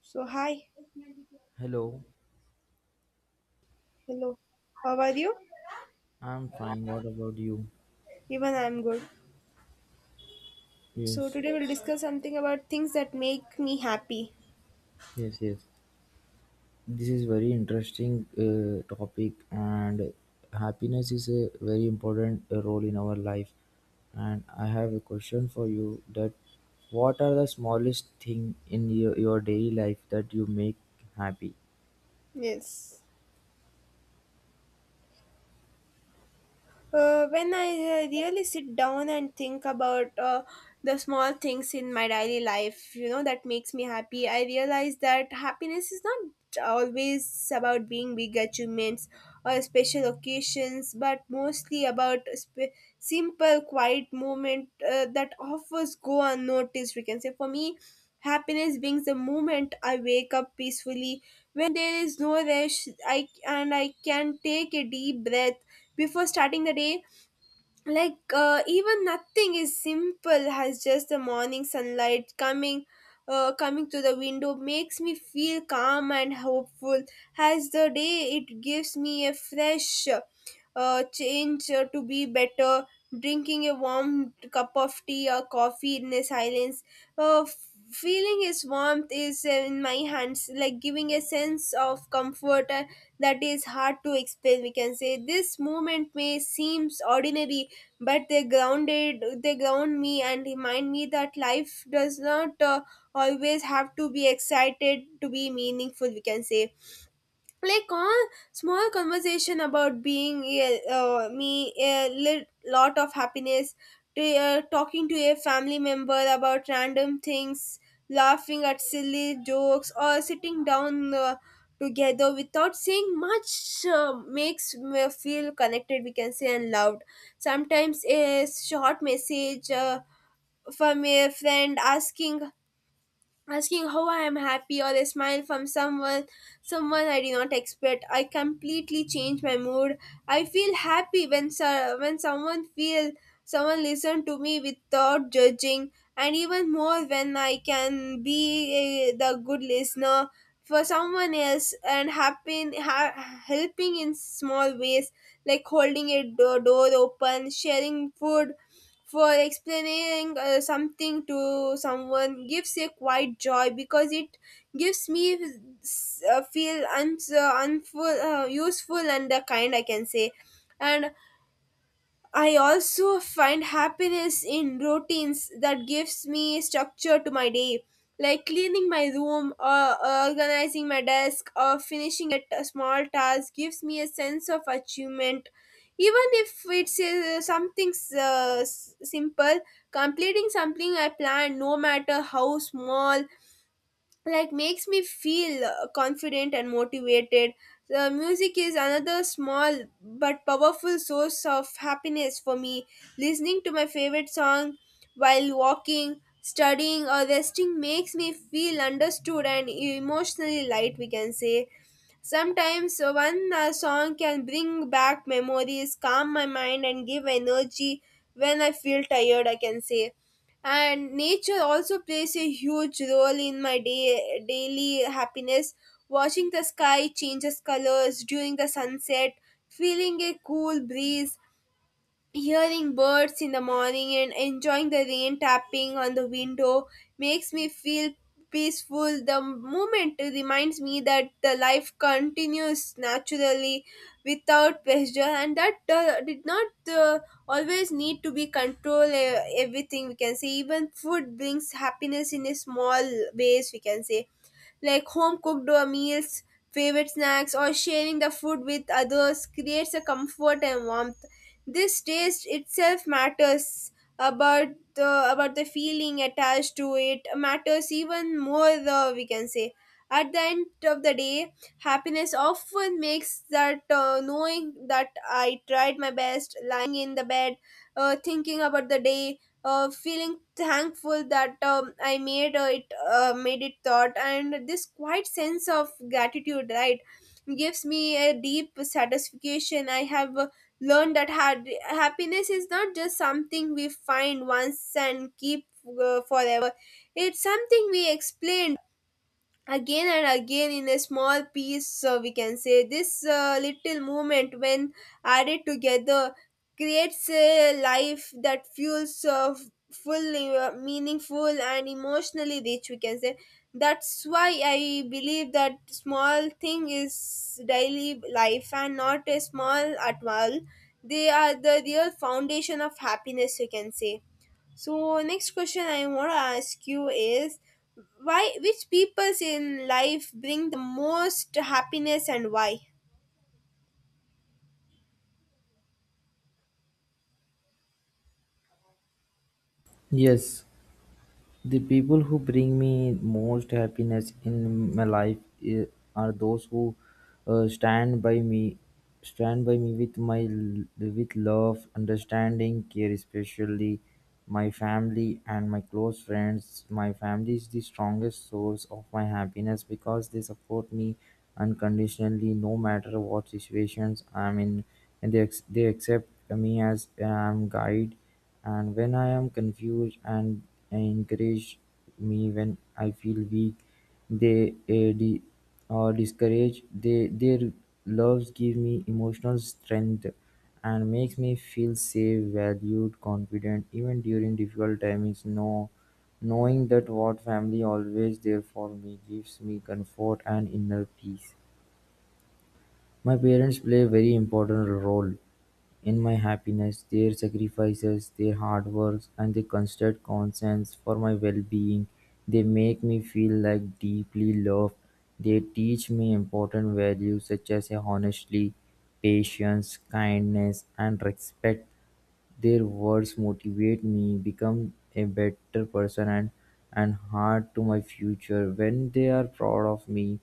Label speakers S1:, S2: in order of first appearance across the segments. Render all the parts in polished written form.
S1: So, hi,
S2: Hello,
S1: hello, how are you?
S2: I'm fine. What about you?
S1: Even I'm good. So,
S2: Yes,
S1: today we'll discuss something about things that make me happy.
S2: yes. This is very interesting topic, and happiness is a very important role in our life. And I have a question for you: that what are the smallest thing in your daily life that you make happy?
S1: Yes. When I really sit down and think about the small things in my daily life, you know, that makes me happy, I realize that happiness is not always about being big achievements or special occasions, but mostly about simple, quiet moment that offers go unnoticed, we can say. For me, happiness brings the moment I wake up peacefully. When there is no rush, I can take a deep breath before starting the day like even nothing is simple as just the morning sunlight coming coming to the window makes me feel calm and hopeful as the day it gives me a fresh change to be better, drinking a warm cup of tea or coffee in the silence, feeling its warmth is in my hands like giving a sense of comfort that is hard to explain, we can say. This moment may seems ordinary, but they ground me and remind me that life does not always have to be excited to be meaningful, we can say. Like all small conversation about being a me a lot of happiness to talking to a family member about random things, laughing at silly jokes, or sitting down together without saying much makes me feel connected, we can say, and loved. Sometimes a short message from a friend asking how I am happy, or a smile from someone I did not expect. I completely change my mood. I feel happy when when someone listen to me without judging, and even more when I can be the good listener for someone else. And helping in small ways like holding a door open, sharing food, for explaining something to someone gives a quiet joy because it gives me feel useful and kind, I can say. And I also find happiness in routines that gives me structure to my day, like cleaning my room or organizing my desk or finishing a small task gives me a sense of achievement. Even if it's something simple, completing something I plan, no matter how small, like makes me feel confident and motivated. The music is another small but powerful source of happiness for me. Listening to my favorite song while walking, studying, or resting makes me feel understood and emotionally light, we can say. Sometimes one song can bring back memories, calm my mind, and give energy when I feel tired, I can say. And nature also plays a huge role in my daily happiness. Watching the sky changes colors during the sunset, feeling a cool breeze, hearing birds in the morning, and enjoying the rain tapping on the window makes me feel peaceful. The moment reminds me that the life continues naturally without pressure, and that did not always need to be control everything, we can say. Even food brings happiness in a small ways, we can say, like home cooked meals, favorite snacks, or sharing the food with others creates a comfort and warmth. This taste itself matters about about the feeling attached to it matters even more though, we can say. At the end of the day, happiness often makes that knowing that I tried my best, lying in the bed thinking about the day, feeling thankful that I made it thought, and this quiet sense of gratitude right gives me a deep satisfaction. I have learned that had happiness is not just something we find once and keep forever. It's something we explain again and again in a small piece, we can say. This little movement, when added together, creates a life that fuels fully meaningful and emotionally rich, we can say. That's why I believe that small thing is daily life and not a small at all. They are the real foundation of happiness, we can say. So next question I want to ask you is why which peoples in life bring the most happiness and why?
S2: Yes, the people who bring me most happiness in my life eh, are those who uh, stand by me, stand by me with with love, understanding, care, especially my family and my close friends. My family is the strongest source of my happiness because they support me unconditionally, no matter what situations I'm in, and they accept me as guide and when I am confused and encourage me when I feel weak. They de- or discourage. They their loves give me emotional strength and makes me feel safe, valued, confident even during difficult times. No, knowing that what family always there for me gives me comfort and inner peace. My parents play a very important role in my happiness. Their sacrifices, their hard work, and their constant concerns for my well-being, they make me feel like deeply loved. They teach me important values such as honesty, patience, kindness, and respect. Their words motivate me, become a better person and enhance to my future. When they are proud of me,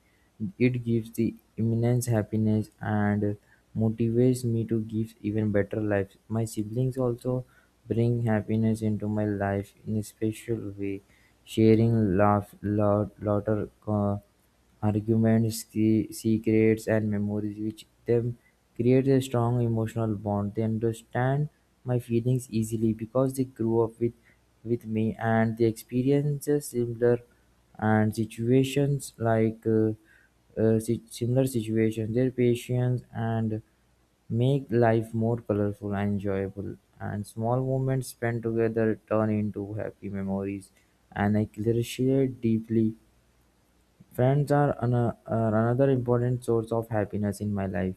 S2: it gives the immense happiness and motivates me to give even better life. My siblings also bring happiness into my life in a special way, sharing laughter, arguments, secrets, and memories which them create a strong emotional bond. They understand my feelings easily because they grew up with me and they experiences similar and situations similar situations. Their patience and make life more colorful and enjoyable and small moments spent together turn into happy memories and I appreciate deeply. Friends are another important source of happiness in my life.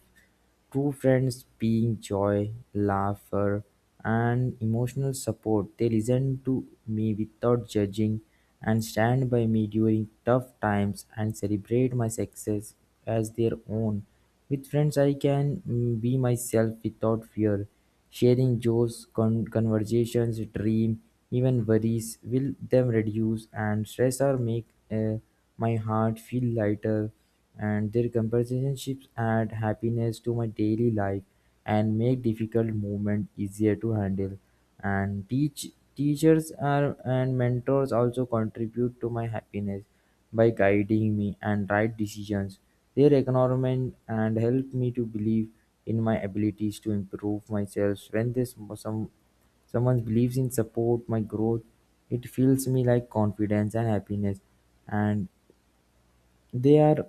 S2: True friends being joy, laughter, and emotional support. They listen to me without judging and stand by me during tough times and celebrate my success as their own. With friends, I can mm, be myself without fear. Sharing joys, conversations, dream, even worries will them reduce and stress or make my heart feel lighter and their conversations add happiness to my daily life and make difficult movement easier to handle and teach. Teachers are, and mentors also contribute to my happiness by guiding me and right decisions, their encouragement and help me to believe in my abilities to improve myself when this some someone believes in support my growth, it fills me like confidence and happiness, and they are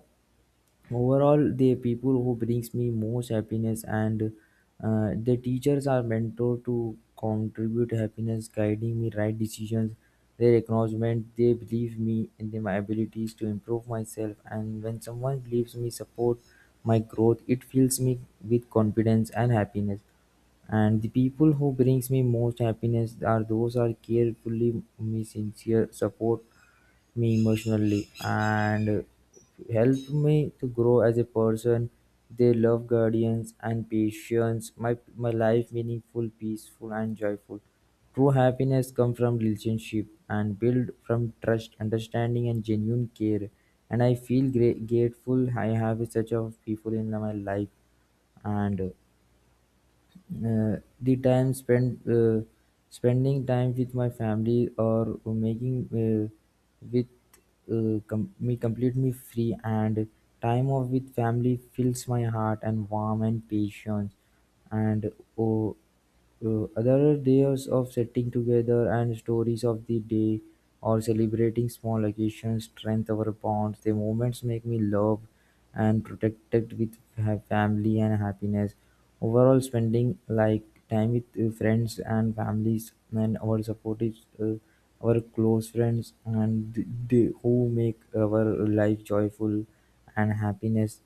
S2: overall the people who brings me most happiness. And the teachers are mentor to contribute happiness guiding me right decisions, their acknowledgement they believe me in my abilities to improve myself, and when someone believes me support my growth it fills me with confidence and happiness, and the people who brings me most happiness are those are carefully me sincere support me emotionally and helped me to grow as a person. They love guardians and patience. My life meaningful, peaceful and joyful. True happiness comes from relationship and build from trust, understanding and genuine care. And I feel great, grateful I have such of people in my life. And the time spent spending time with my family or making with com- me complete me free and time off with family fills my heart and warm and patience. And oh other days of sitting together and stories of the day or celebrating small occasions strengthen our bonds. The moments make me love and protected with family and happiness. Overall, spending like time with friends and families and our supportive, uh, our close friends and they who make our life joyful and happiness.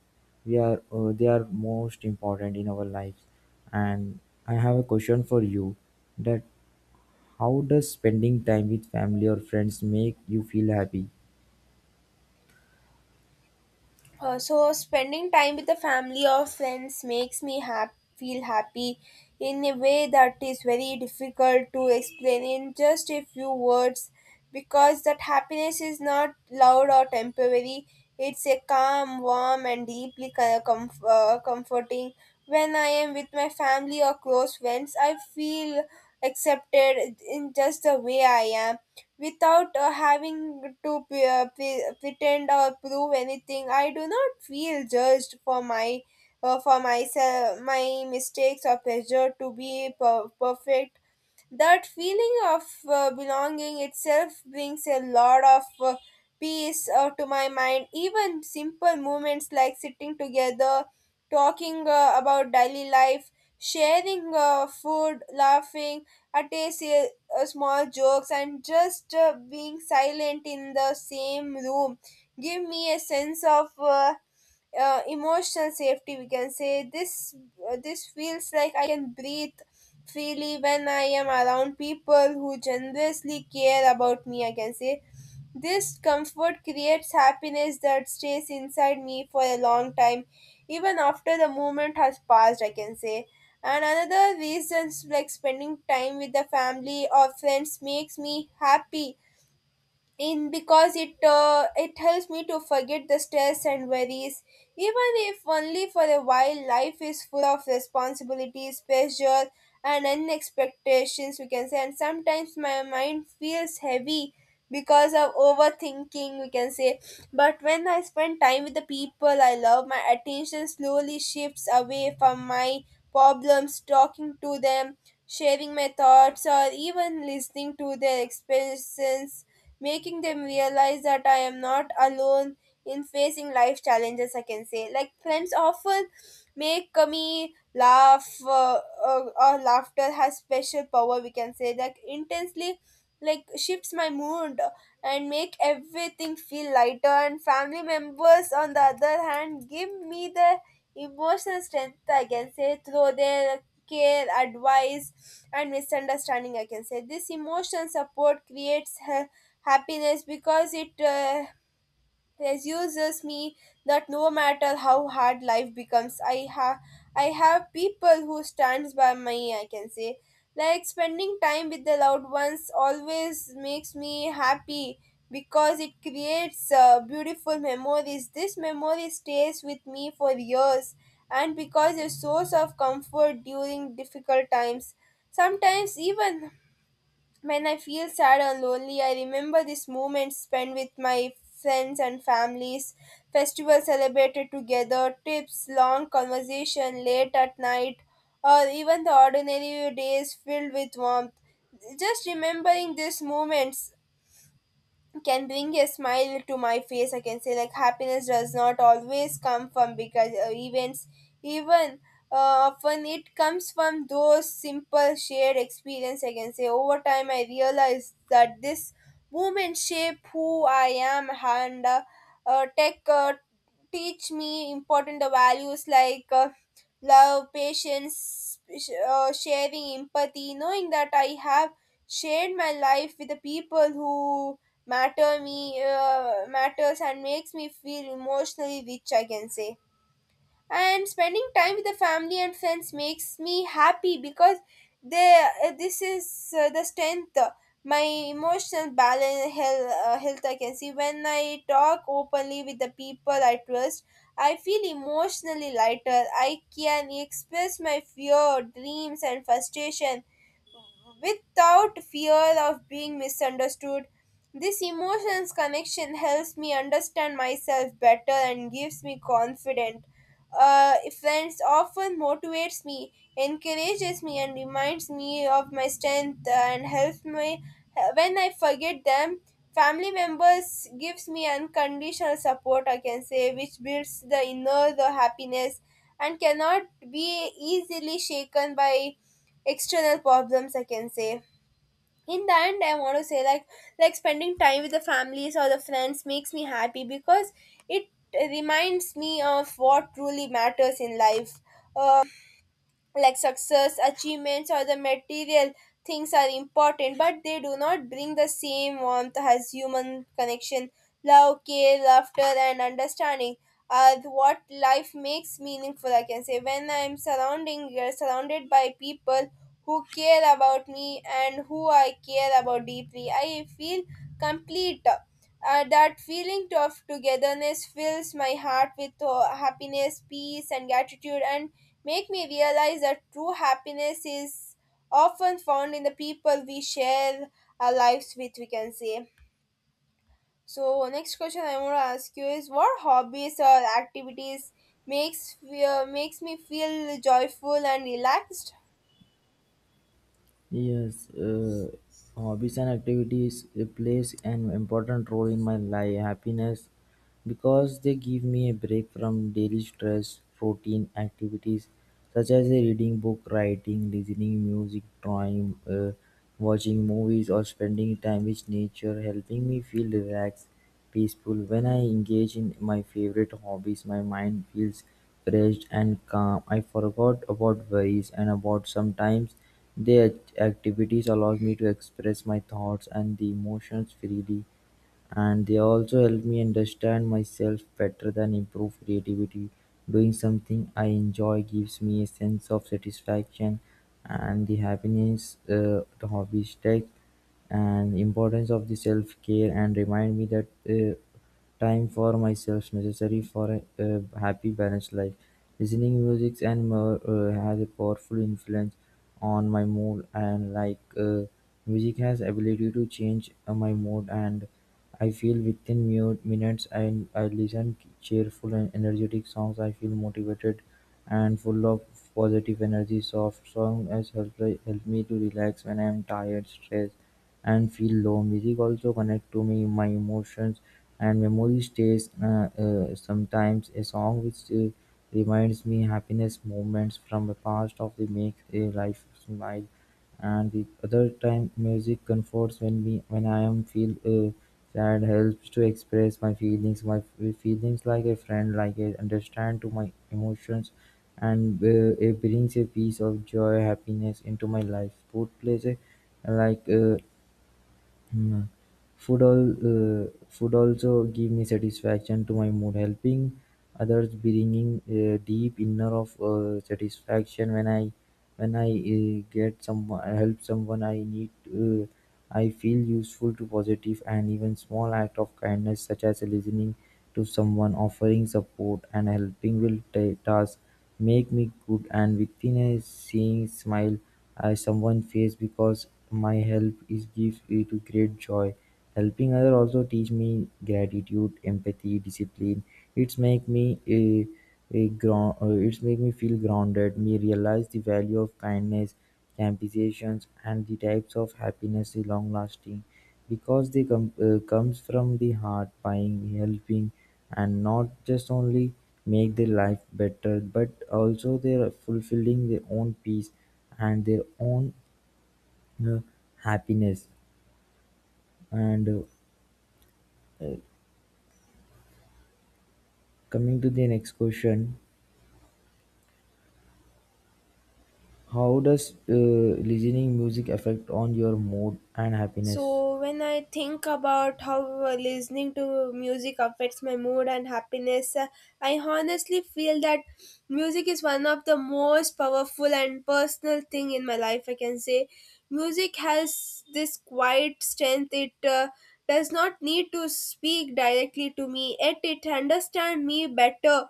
S2: We are they are most important in our lives. And I have a question for you that how does spending time with family or friends make you feel happy?
S1: So spending time with the family or friends makes me feel happy in a way that is very difficult to explain in just a few words, because that happiness is not loud or temporary. It's a calm, warm, and deeply comforting. When I am with my family or close friends, I feel accepted in just the way I am, without having to pretend or prove anything. I do not feel judged for my for myself, my mistakes, or pressure to be perfect. That feeling of belonging itself brings a lot of peace to my mind. Even simple moments like sitting together, talking about daily life, sharing food, laughing at a small jokes, and just being silent in the same room give me a sense of emotional safety, we can say. This feels like I can breathe freely when I am around people who generously care about me, I can say. This comfort creates happiness that stays inside me for a long time, even after the moment has passed, I can say. And another reasons like spending time with the family or friends makes me happy in because it helps me to forget the stress and worries, even if only for a while. Life is full of responsibilities, pressure, and unexpectations, we can say, and sometimes my mind feels heavy because of overthinking, we can say. But when I spend time with the people I love, my attention slowly shifts away from my problems. Talking to them, sharing my thoughts, or even listening to their experiences making them realize that I am not alone in facing life challenges, I can say. Like, friends often make me laugh, or laughter has special power, we can say, like, intensely like shifts my mood and make everything feel lighter. And family members on the other hand give me the emotional strength, I can say, through their care, advice, and misunderstanding, I can say. This emotional support creates happiness because it reassures me that no matter how hard life becomes, I have people who stands by me, I can say. Like, spending time with the loved ones always makes me happy because it creates beautiful memories. This memory stays with me for years and because a source of comfort during difficult times. Sometimes even when I feel sad or lonely, I remember these moments spent with my friends and families, festivals celebrated together, trips, long conversation late at night, or even the ordinary days filled with warmth. Just remembering these moments can bring a smile to my face, I can say. Like, happiness does not always come from big events. Even often it comes from those simple shared experience, I can say. Over time I realized that this movement shape who I am, and tech teach me important values like love, patience, sharing, empathy. Knowing that I have shared my life with the people who matters and makes me feel emotionally rich, I can say. And spending time with the family and friends makes me happy because they this is the strength my emotional balance health, I can see. When I talk openly with the people I trust, I feel emotionally lighter. I can express my fear, dreams, and frustration without fear of being misunderstood. This emotions connection helps me understand myself better and gives me confidence. Uh, Friends often motivates me, encourages me, and reminds me of my strength and helps me when I forget them. Family members gives me unconditional support, I can say, which builds the inner the happiness and cannot be easily shaken by external problems, I can say. In the end I want to say like spending time with the families or the friends makes me happy because it reminds me of what truly matters in life. Uh, like success, achievements, or the material things are important, but they do not bring the same warmth as human connection. Love, care, laughter, and understanding are what life makes meaningful, I can say. When I'm surrounding surrounded by people who care about me and who I care about deeply, I feel complete. That feeling of togetherness fills my heart with happiness, peace, and gratitude, and make me realize that true happiness is often found in the people we share our lives with, we can say. So, next question I want to ask you is what hobbies or activities makes me feel joyful and relaxed?
S2: Yes, hobbies and activities plays an important role in my life happiness because they give me a break from daily stress, routine activities such as reading book, writing, listening music, drawing, watching movies, or spending time with nature, helping me feel relaxed, peaceful. When I engage in my favorite hobbies, my mind feels fresh and calm. I forgot about worries and about sometimes. Their activities allows me to express my thoughts and the emotions freely and they also help me understand myself better than improve creativity. Doing something I enjoy gives me a sense of satisfaction and the happiness the hobbies take and importance of the self-care and remind me that time for myself necessary for a happy balanced life. Listening music and more has a powerful influence on my mood and music has ability to change my mood and I feel within minutes and I listen cheerful and energetic songs. I feel motivated and full of positive energy. Soft songs has help me to relax when I am tired, stressed and feel low. Music also connect to me, my emotions and memory stays. Sometimes a song which reminds me happiness moments from the past of the make a life smile. And the other time, music comforts when me when I am feel sad, helps to express my feelings, feelings like a friend, like a understand to my emotions, and it brings a piece of joy happiness into my life. Sport plays a like uh, 음. Food, all food also give me satisfaction to my mood, helping others bringing a deep inner of satisfaction when I get someone help someone I need. I feel useful to positive, and even small act of kindness such as listening to someone, offering support and helping will ta task make me good, and within a seeing smile I someone face because my help is gives me to great joy. Helping other also teach me gratitude, empathy, discipline, it's make me a ground. It's make me feel grounded, me realize the value of kindness, compassion and the types of happiness is long lasting because comes from the heart buying helping and not just only make their life better but also they are fulfilling their own peace and their own uh, happiness. And coming to the next question, how does listening music affect on your mood and happiness?
S1: So, when I think about how listening to music affects my mood and happiness, I honestly feel that music is one of the most powerful and personal thing in my life, I can say. Music has this quiet strength. It does not need to speak directly to me, yet it understand me better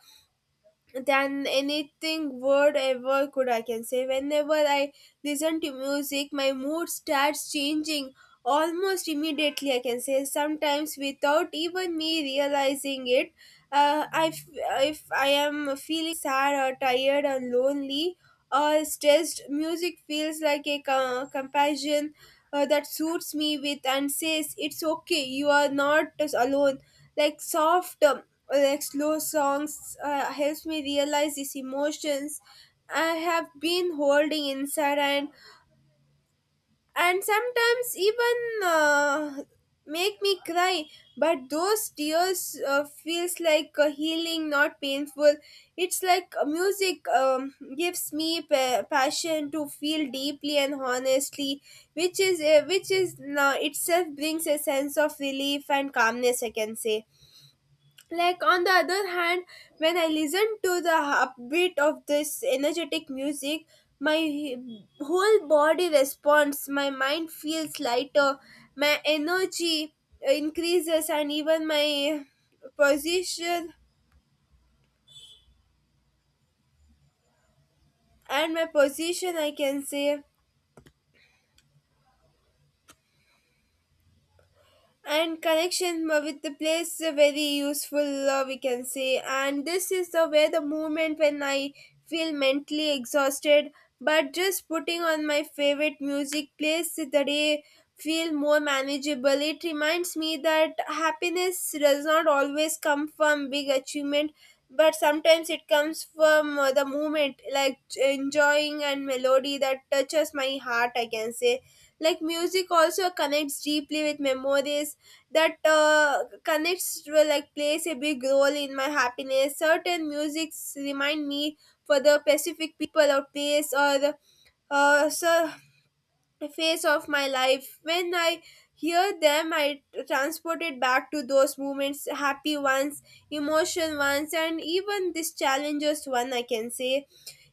S1: than anything word ever could, I can say. Whenever I listen to music my mood starts changing almost immediately, I can say, sometimes without even me realizing it. uh, I f- if I am feeling sad or tired or lonely or stressed, music feels like a companion that suits me with and says it's okay, you are not alone. Like soft like slow songs helps me realize these emotions I have been holding inside, and sometimes even make me cry, but those tears feels like a healing, not painful. It's like music gives me passion to feel deeply and honestly, which is which is now itself brings a sense of relief and calmness, I can say. Like on the other hand, when I listen to the upbeat of this energetic music, my whole body responds, my mind feels lighter, my energy increases, and even my position and my position, I can say, and connection with the place is very useful, we can say. And this is the way the moment when I feel mentally exhausted, but just putting on my favorite music plays the day feel more manageable. It reminds me that happiness does not always come from big achievement, but sometimes it comes from the moment like enjoying and melody that touches my heart, I can say. Like music also connects deeply with memories, that connects will, like plays a big role in my happiness. Certain musics remind me for the specific people or place or uh, so phase of my life. When I hear them, I transported back to those moments, happy ones, emotional ones, and even this challenges one, I can say.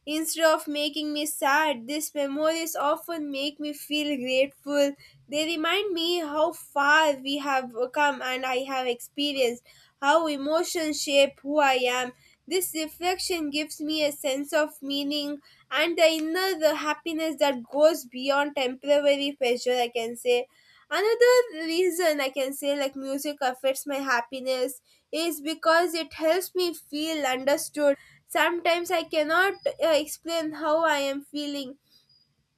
S1: Instead of making me sad, these memories often make me feel grateful. They remind me how far we have come and I have experienced, how emotions shape who I am. This reflection gives me a sense of meaning and the inner the happiness that goes beyond temporary pleasure, I can say. Another reason I can say like music affects my happiness is because it helps me feel understood. Sometimes I cannot explain how I am feeling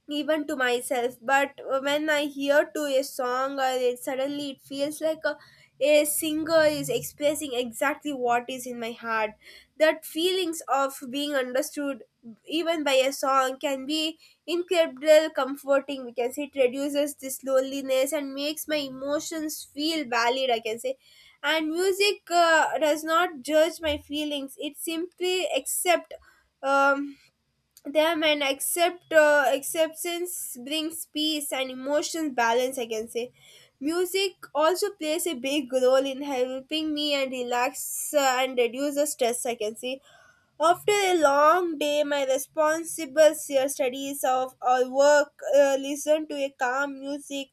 S1: even to myself, but when I hear to a song or it suddenly it feels like a singer is expressing exactly what is in my heart. That feelings of being understood even by a song can be incredible comforting, we can say. It reduces this loneliness and makes my emotions feel valid, I can say. And music does not judge my feelings, it simply accept um, them, and accept acceptance brings peace and emotional balance, I can say. Music also plays a big role in helping me and relax and reduce the stress, I can say. After a long day, my responsible studies of or work, listen to a calm music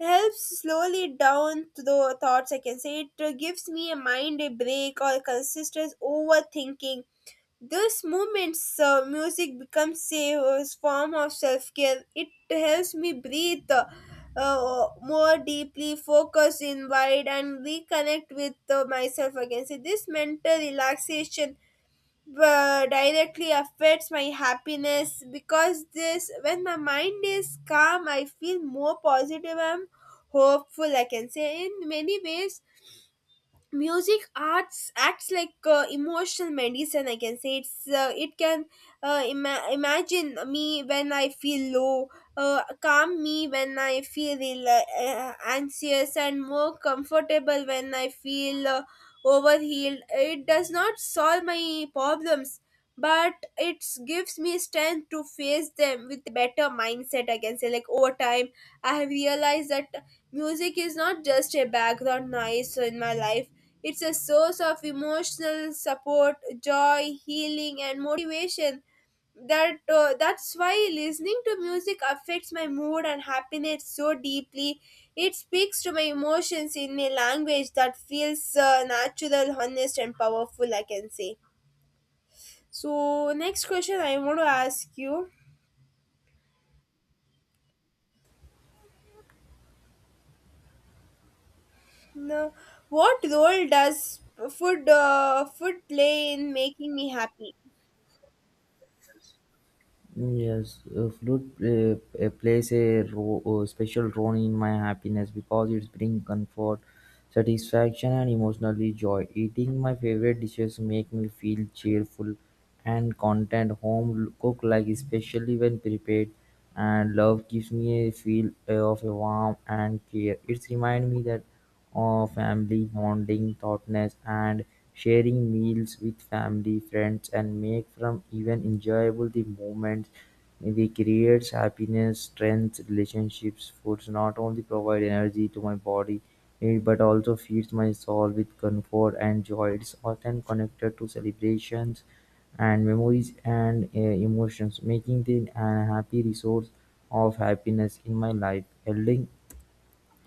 S1: helps slowly down the thoughts, I can say. It gives me a mind a break or consistent overthinking. Those moments, music becomes a form of self care. It helps me breathe more deeply, focus inward, and reconnect with myself again. So this mental relaxation directly affects my happiness because this, when my mind is calm, I feel more positive. I'm hopeful, I can say. In many ways, music arts acts like emotional medicine, I can say. It can imagine me when I feel low, calm me when I feel anxious, and more comfortable when I feel overhealed. It does not solve my problems, but it gives me strength to face them with better mindset, I can say. Like over time, I have realized that music is not just a background noise in my life. It's a source of emotional support, joy, healing, and motivation. That's why listening to music affects my mood and happiness so deeply. It speaks to my emotions in a language that feels natural, honest, and powerful, I can say. So next question I want to ask you: now, what role does food play in making me happy?
S2: Mm, yes, flute plays a special role in my happiness because it brings comfort, satisfaction, and emotionally joy. Eating my favorite dishes make me feel cheerful and content. Home cook like especially when prepared and love gives me a feel of a warmth and care. It reminds me that of family bonding, thoughtness, and sharing meals with family, friends, and make from even enjoyable the moments we creates happiness, strength, relationships. Foods not only provide energy to my body, it but also feeds my soul with comfort and joy. It's often connected to celebrations and memories and emotions, making it a happy resource of happiness in my life. Elding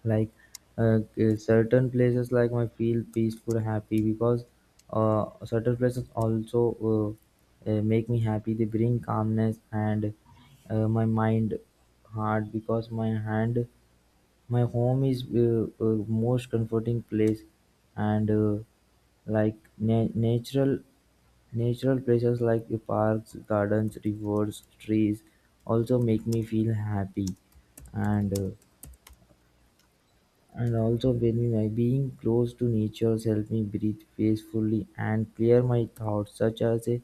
S2: like certain places like my feel peaceful happy because certain places also make me happy, they bring calmness and my mind heart because my hand my home is most comforting place, and like na- natural natural places like the parks gardens rivers trees also make me feel happy. And and also when my being close to nature helps me breathe peacefully and clear my thoughts such as a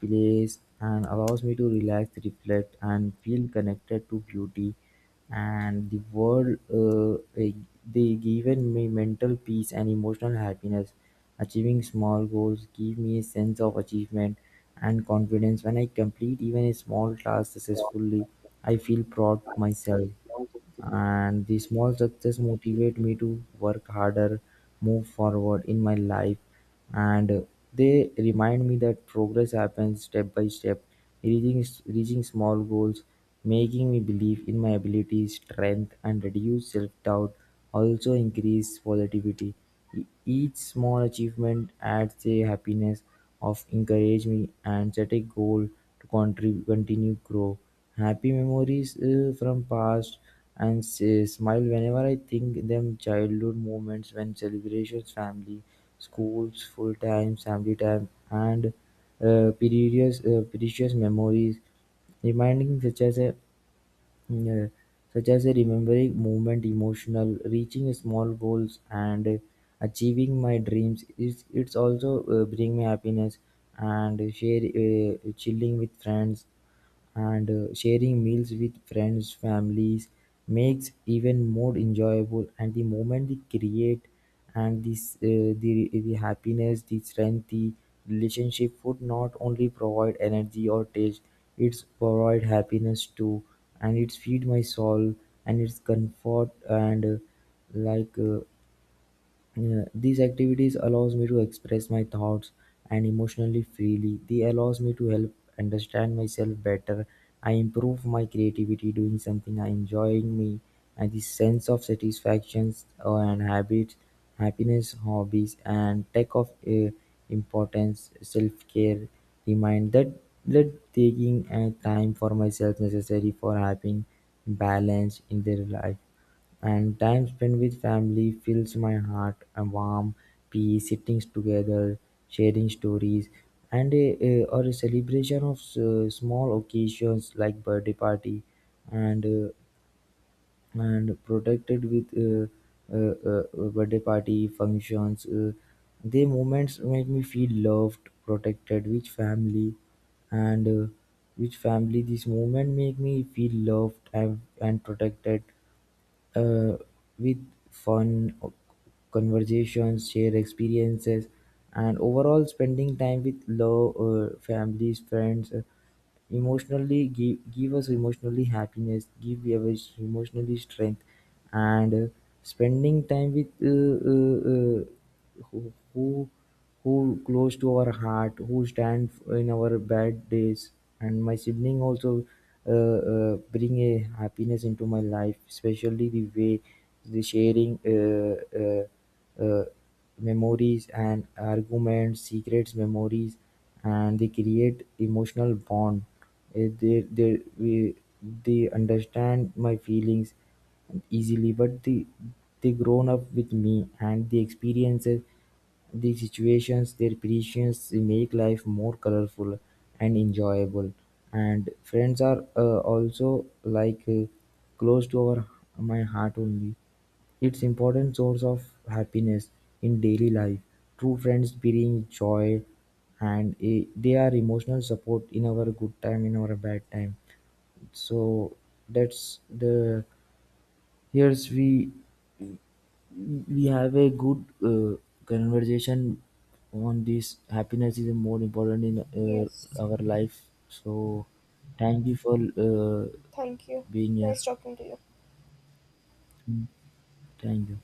S2: place and allows me to relax, reflect and feel connected to beauty and the world they given me mental peace and emotional happiness. Achieving small goals give me a sense of achievement and confidence. When I complete even a small task successfully, I feel proud of myself and the small success motivate me to work harder move forward in my life and they remind me that progress happens step by step. Reaching small goals making me believe in my abilities strength and reduce self-doubt also increase positivity. Each small achievement adds a happiness of encourage me and set a goal to continue grow. Happy memories from past and say, smile whenever I think them childhood moments when celebrations family, schools, full time, family time and precious memories reminding mm, uh, such as a remembering movement emotional reaching small goals and achieving my dreams, it's also bring me happiness. And share chilling with friends and sharing meals with friends families makes even more enjoyable and the moment they create, and the happiness the strength the relationship would not only provide energy or taste, it's provide happiness too, and it's feed my soul and it's comfort and like uh, yeah, these activities allows me to express my thoughts and emotionally freely. They allows me to help understand myself better. I improve my creativity doing something I enjoying me and the sense of satisfactions and habits, happiness, hobbies and take of importance, self-care, remind that that taking time for myself necessary for having balance in their life. And time spent with family fills my heart, a warm peace, sitting together, sharing stories, and a- or a celebration of small occasions like birthday party, and uh, and protected with birthday party functions. The moments make me feel loved, protected with family, and with family. This moment make me feel and protected uh, with fun o- conversations, share experiences, and overall spending time with love, families, friends, emotionally give us emotionally happiness, give us emotionally strength, and spending time with who close to our heart, who stand in our bad days. And my sibling also bring a happiness into my life, especially the way the sharing memories and arguments, secrets, memories, and they create emotional bond. Uh, They they we, they understand my feelings easily, but they grown up with me and the experiences the situations their creations make life more colorful and enjoyable. And friends are also like close to our my heart only. It's important source of happiness in daily life. True friends bring joy, and they are emotional support in our good time, in our bad time. So that's the here's we have a good conversation on this happiness is more important in
S1: Yes,
S2: our life, so thank you for uh,
S1: thank you.
S2: being here.
S1: Nice talking to you.
S2: Mm, thank you.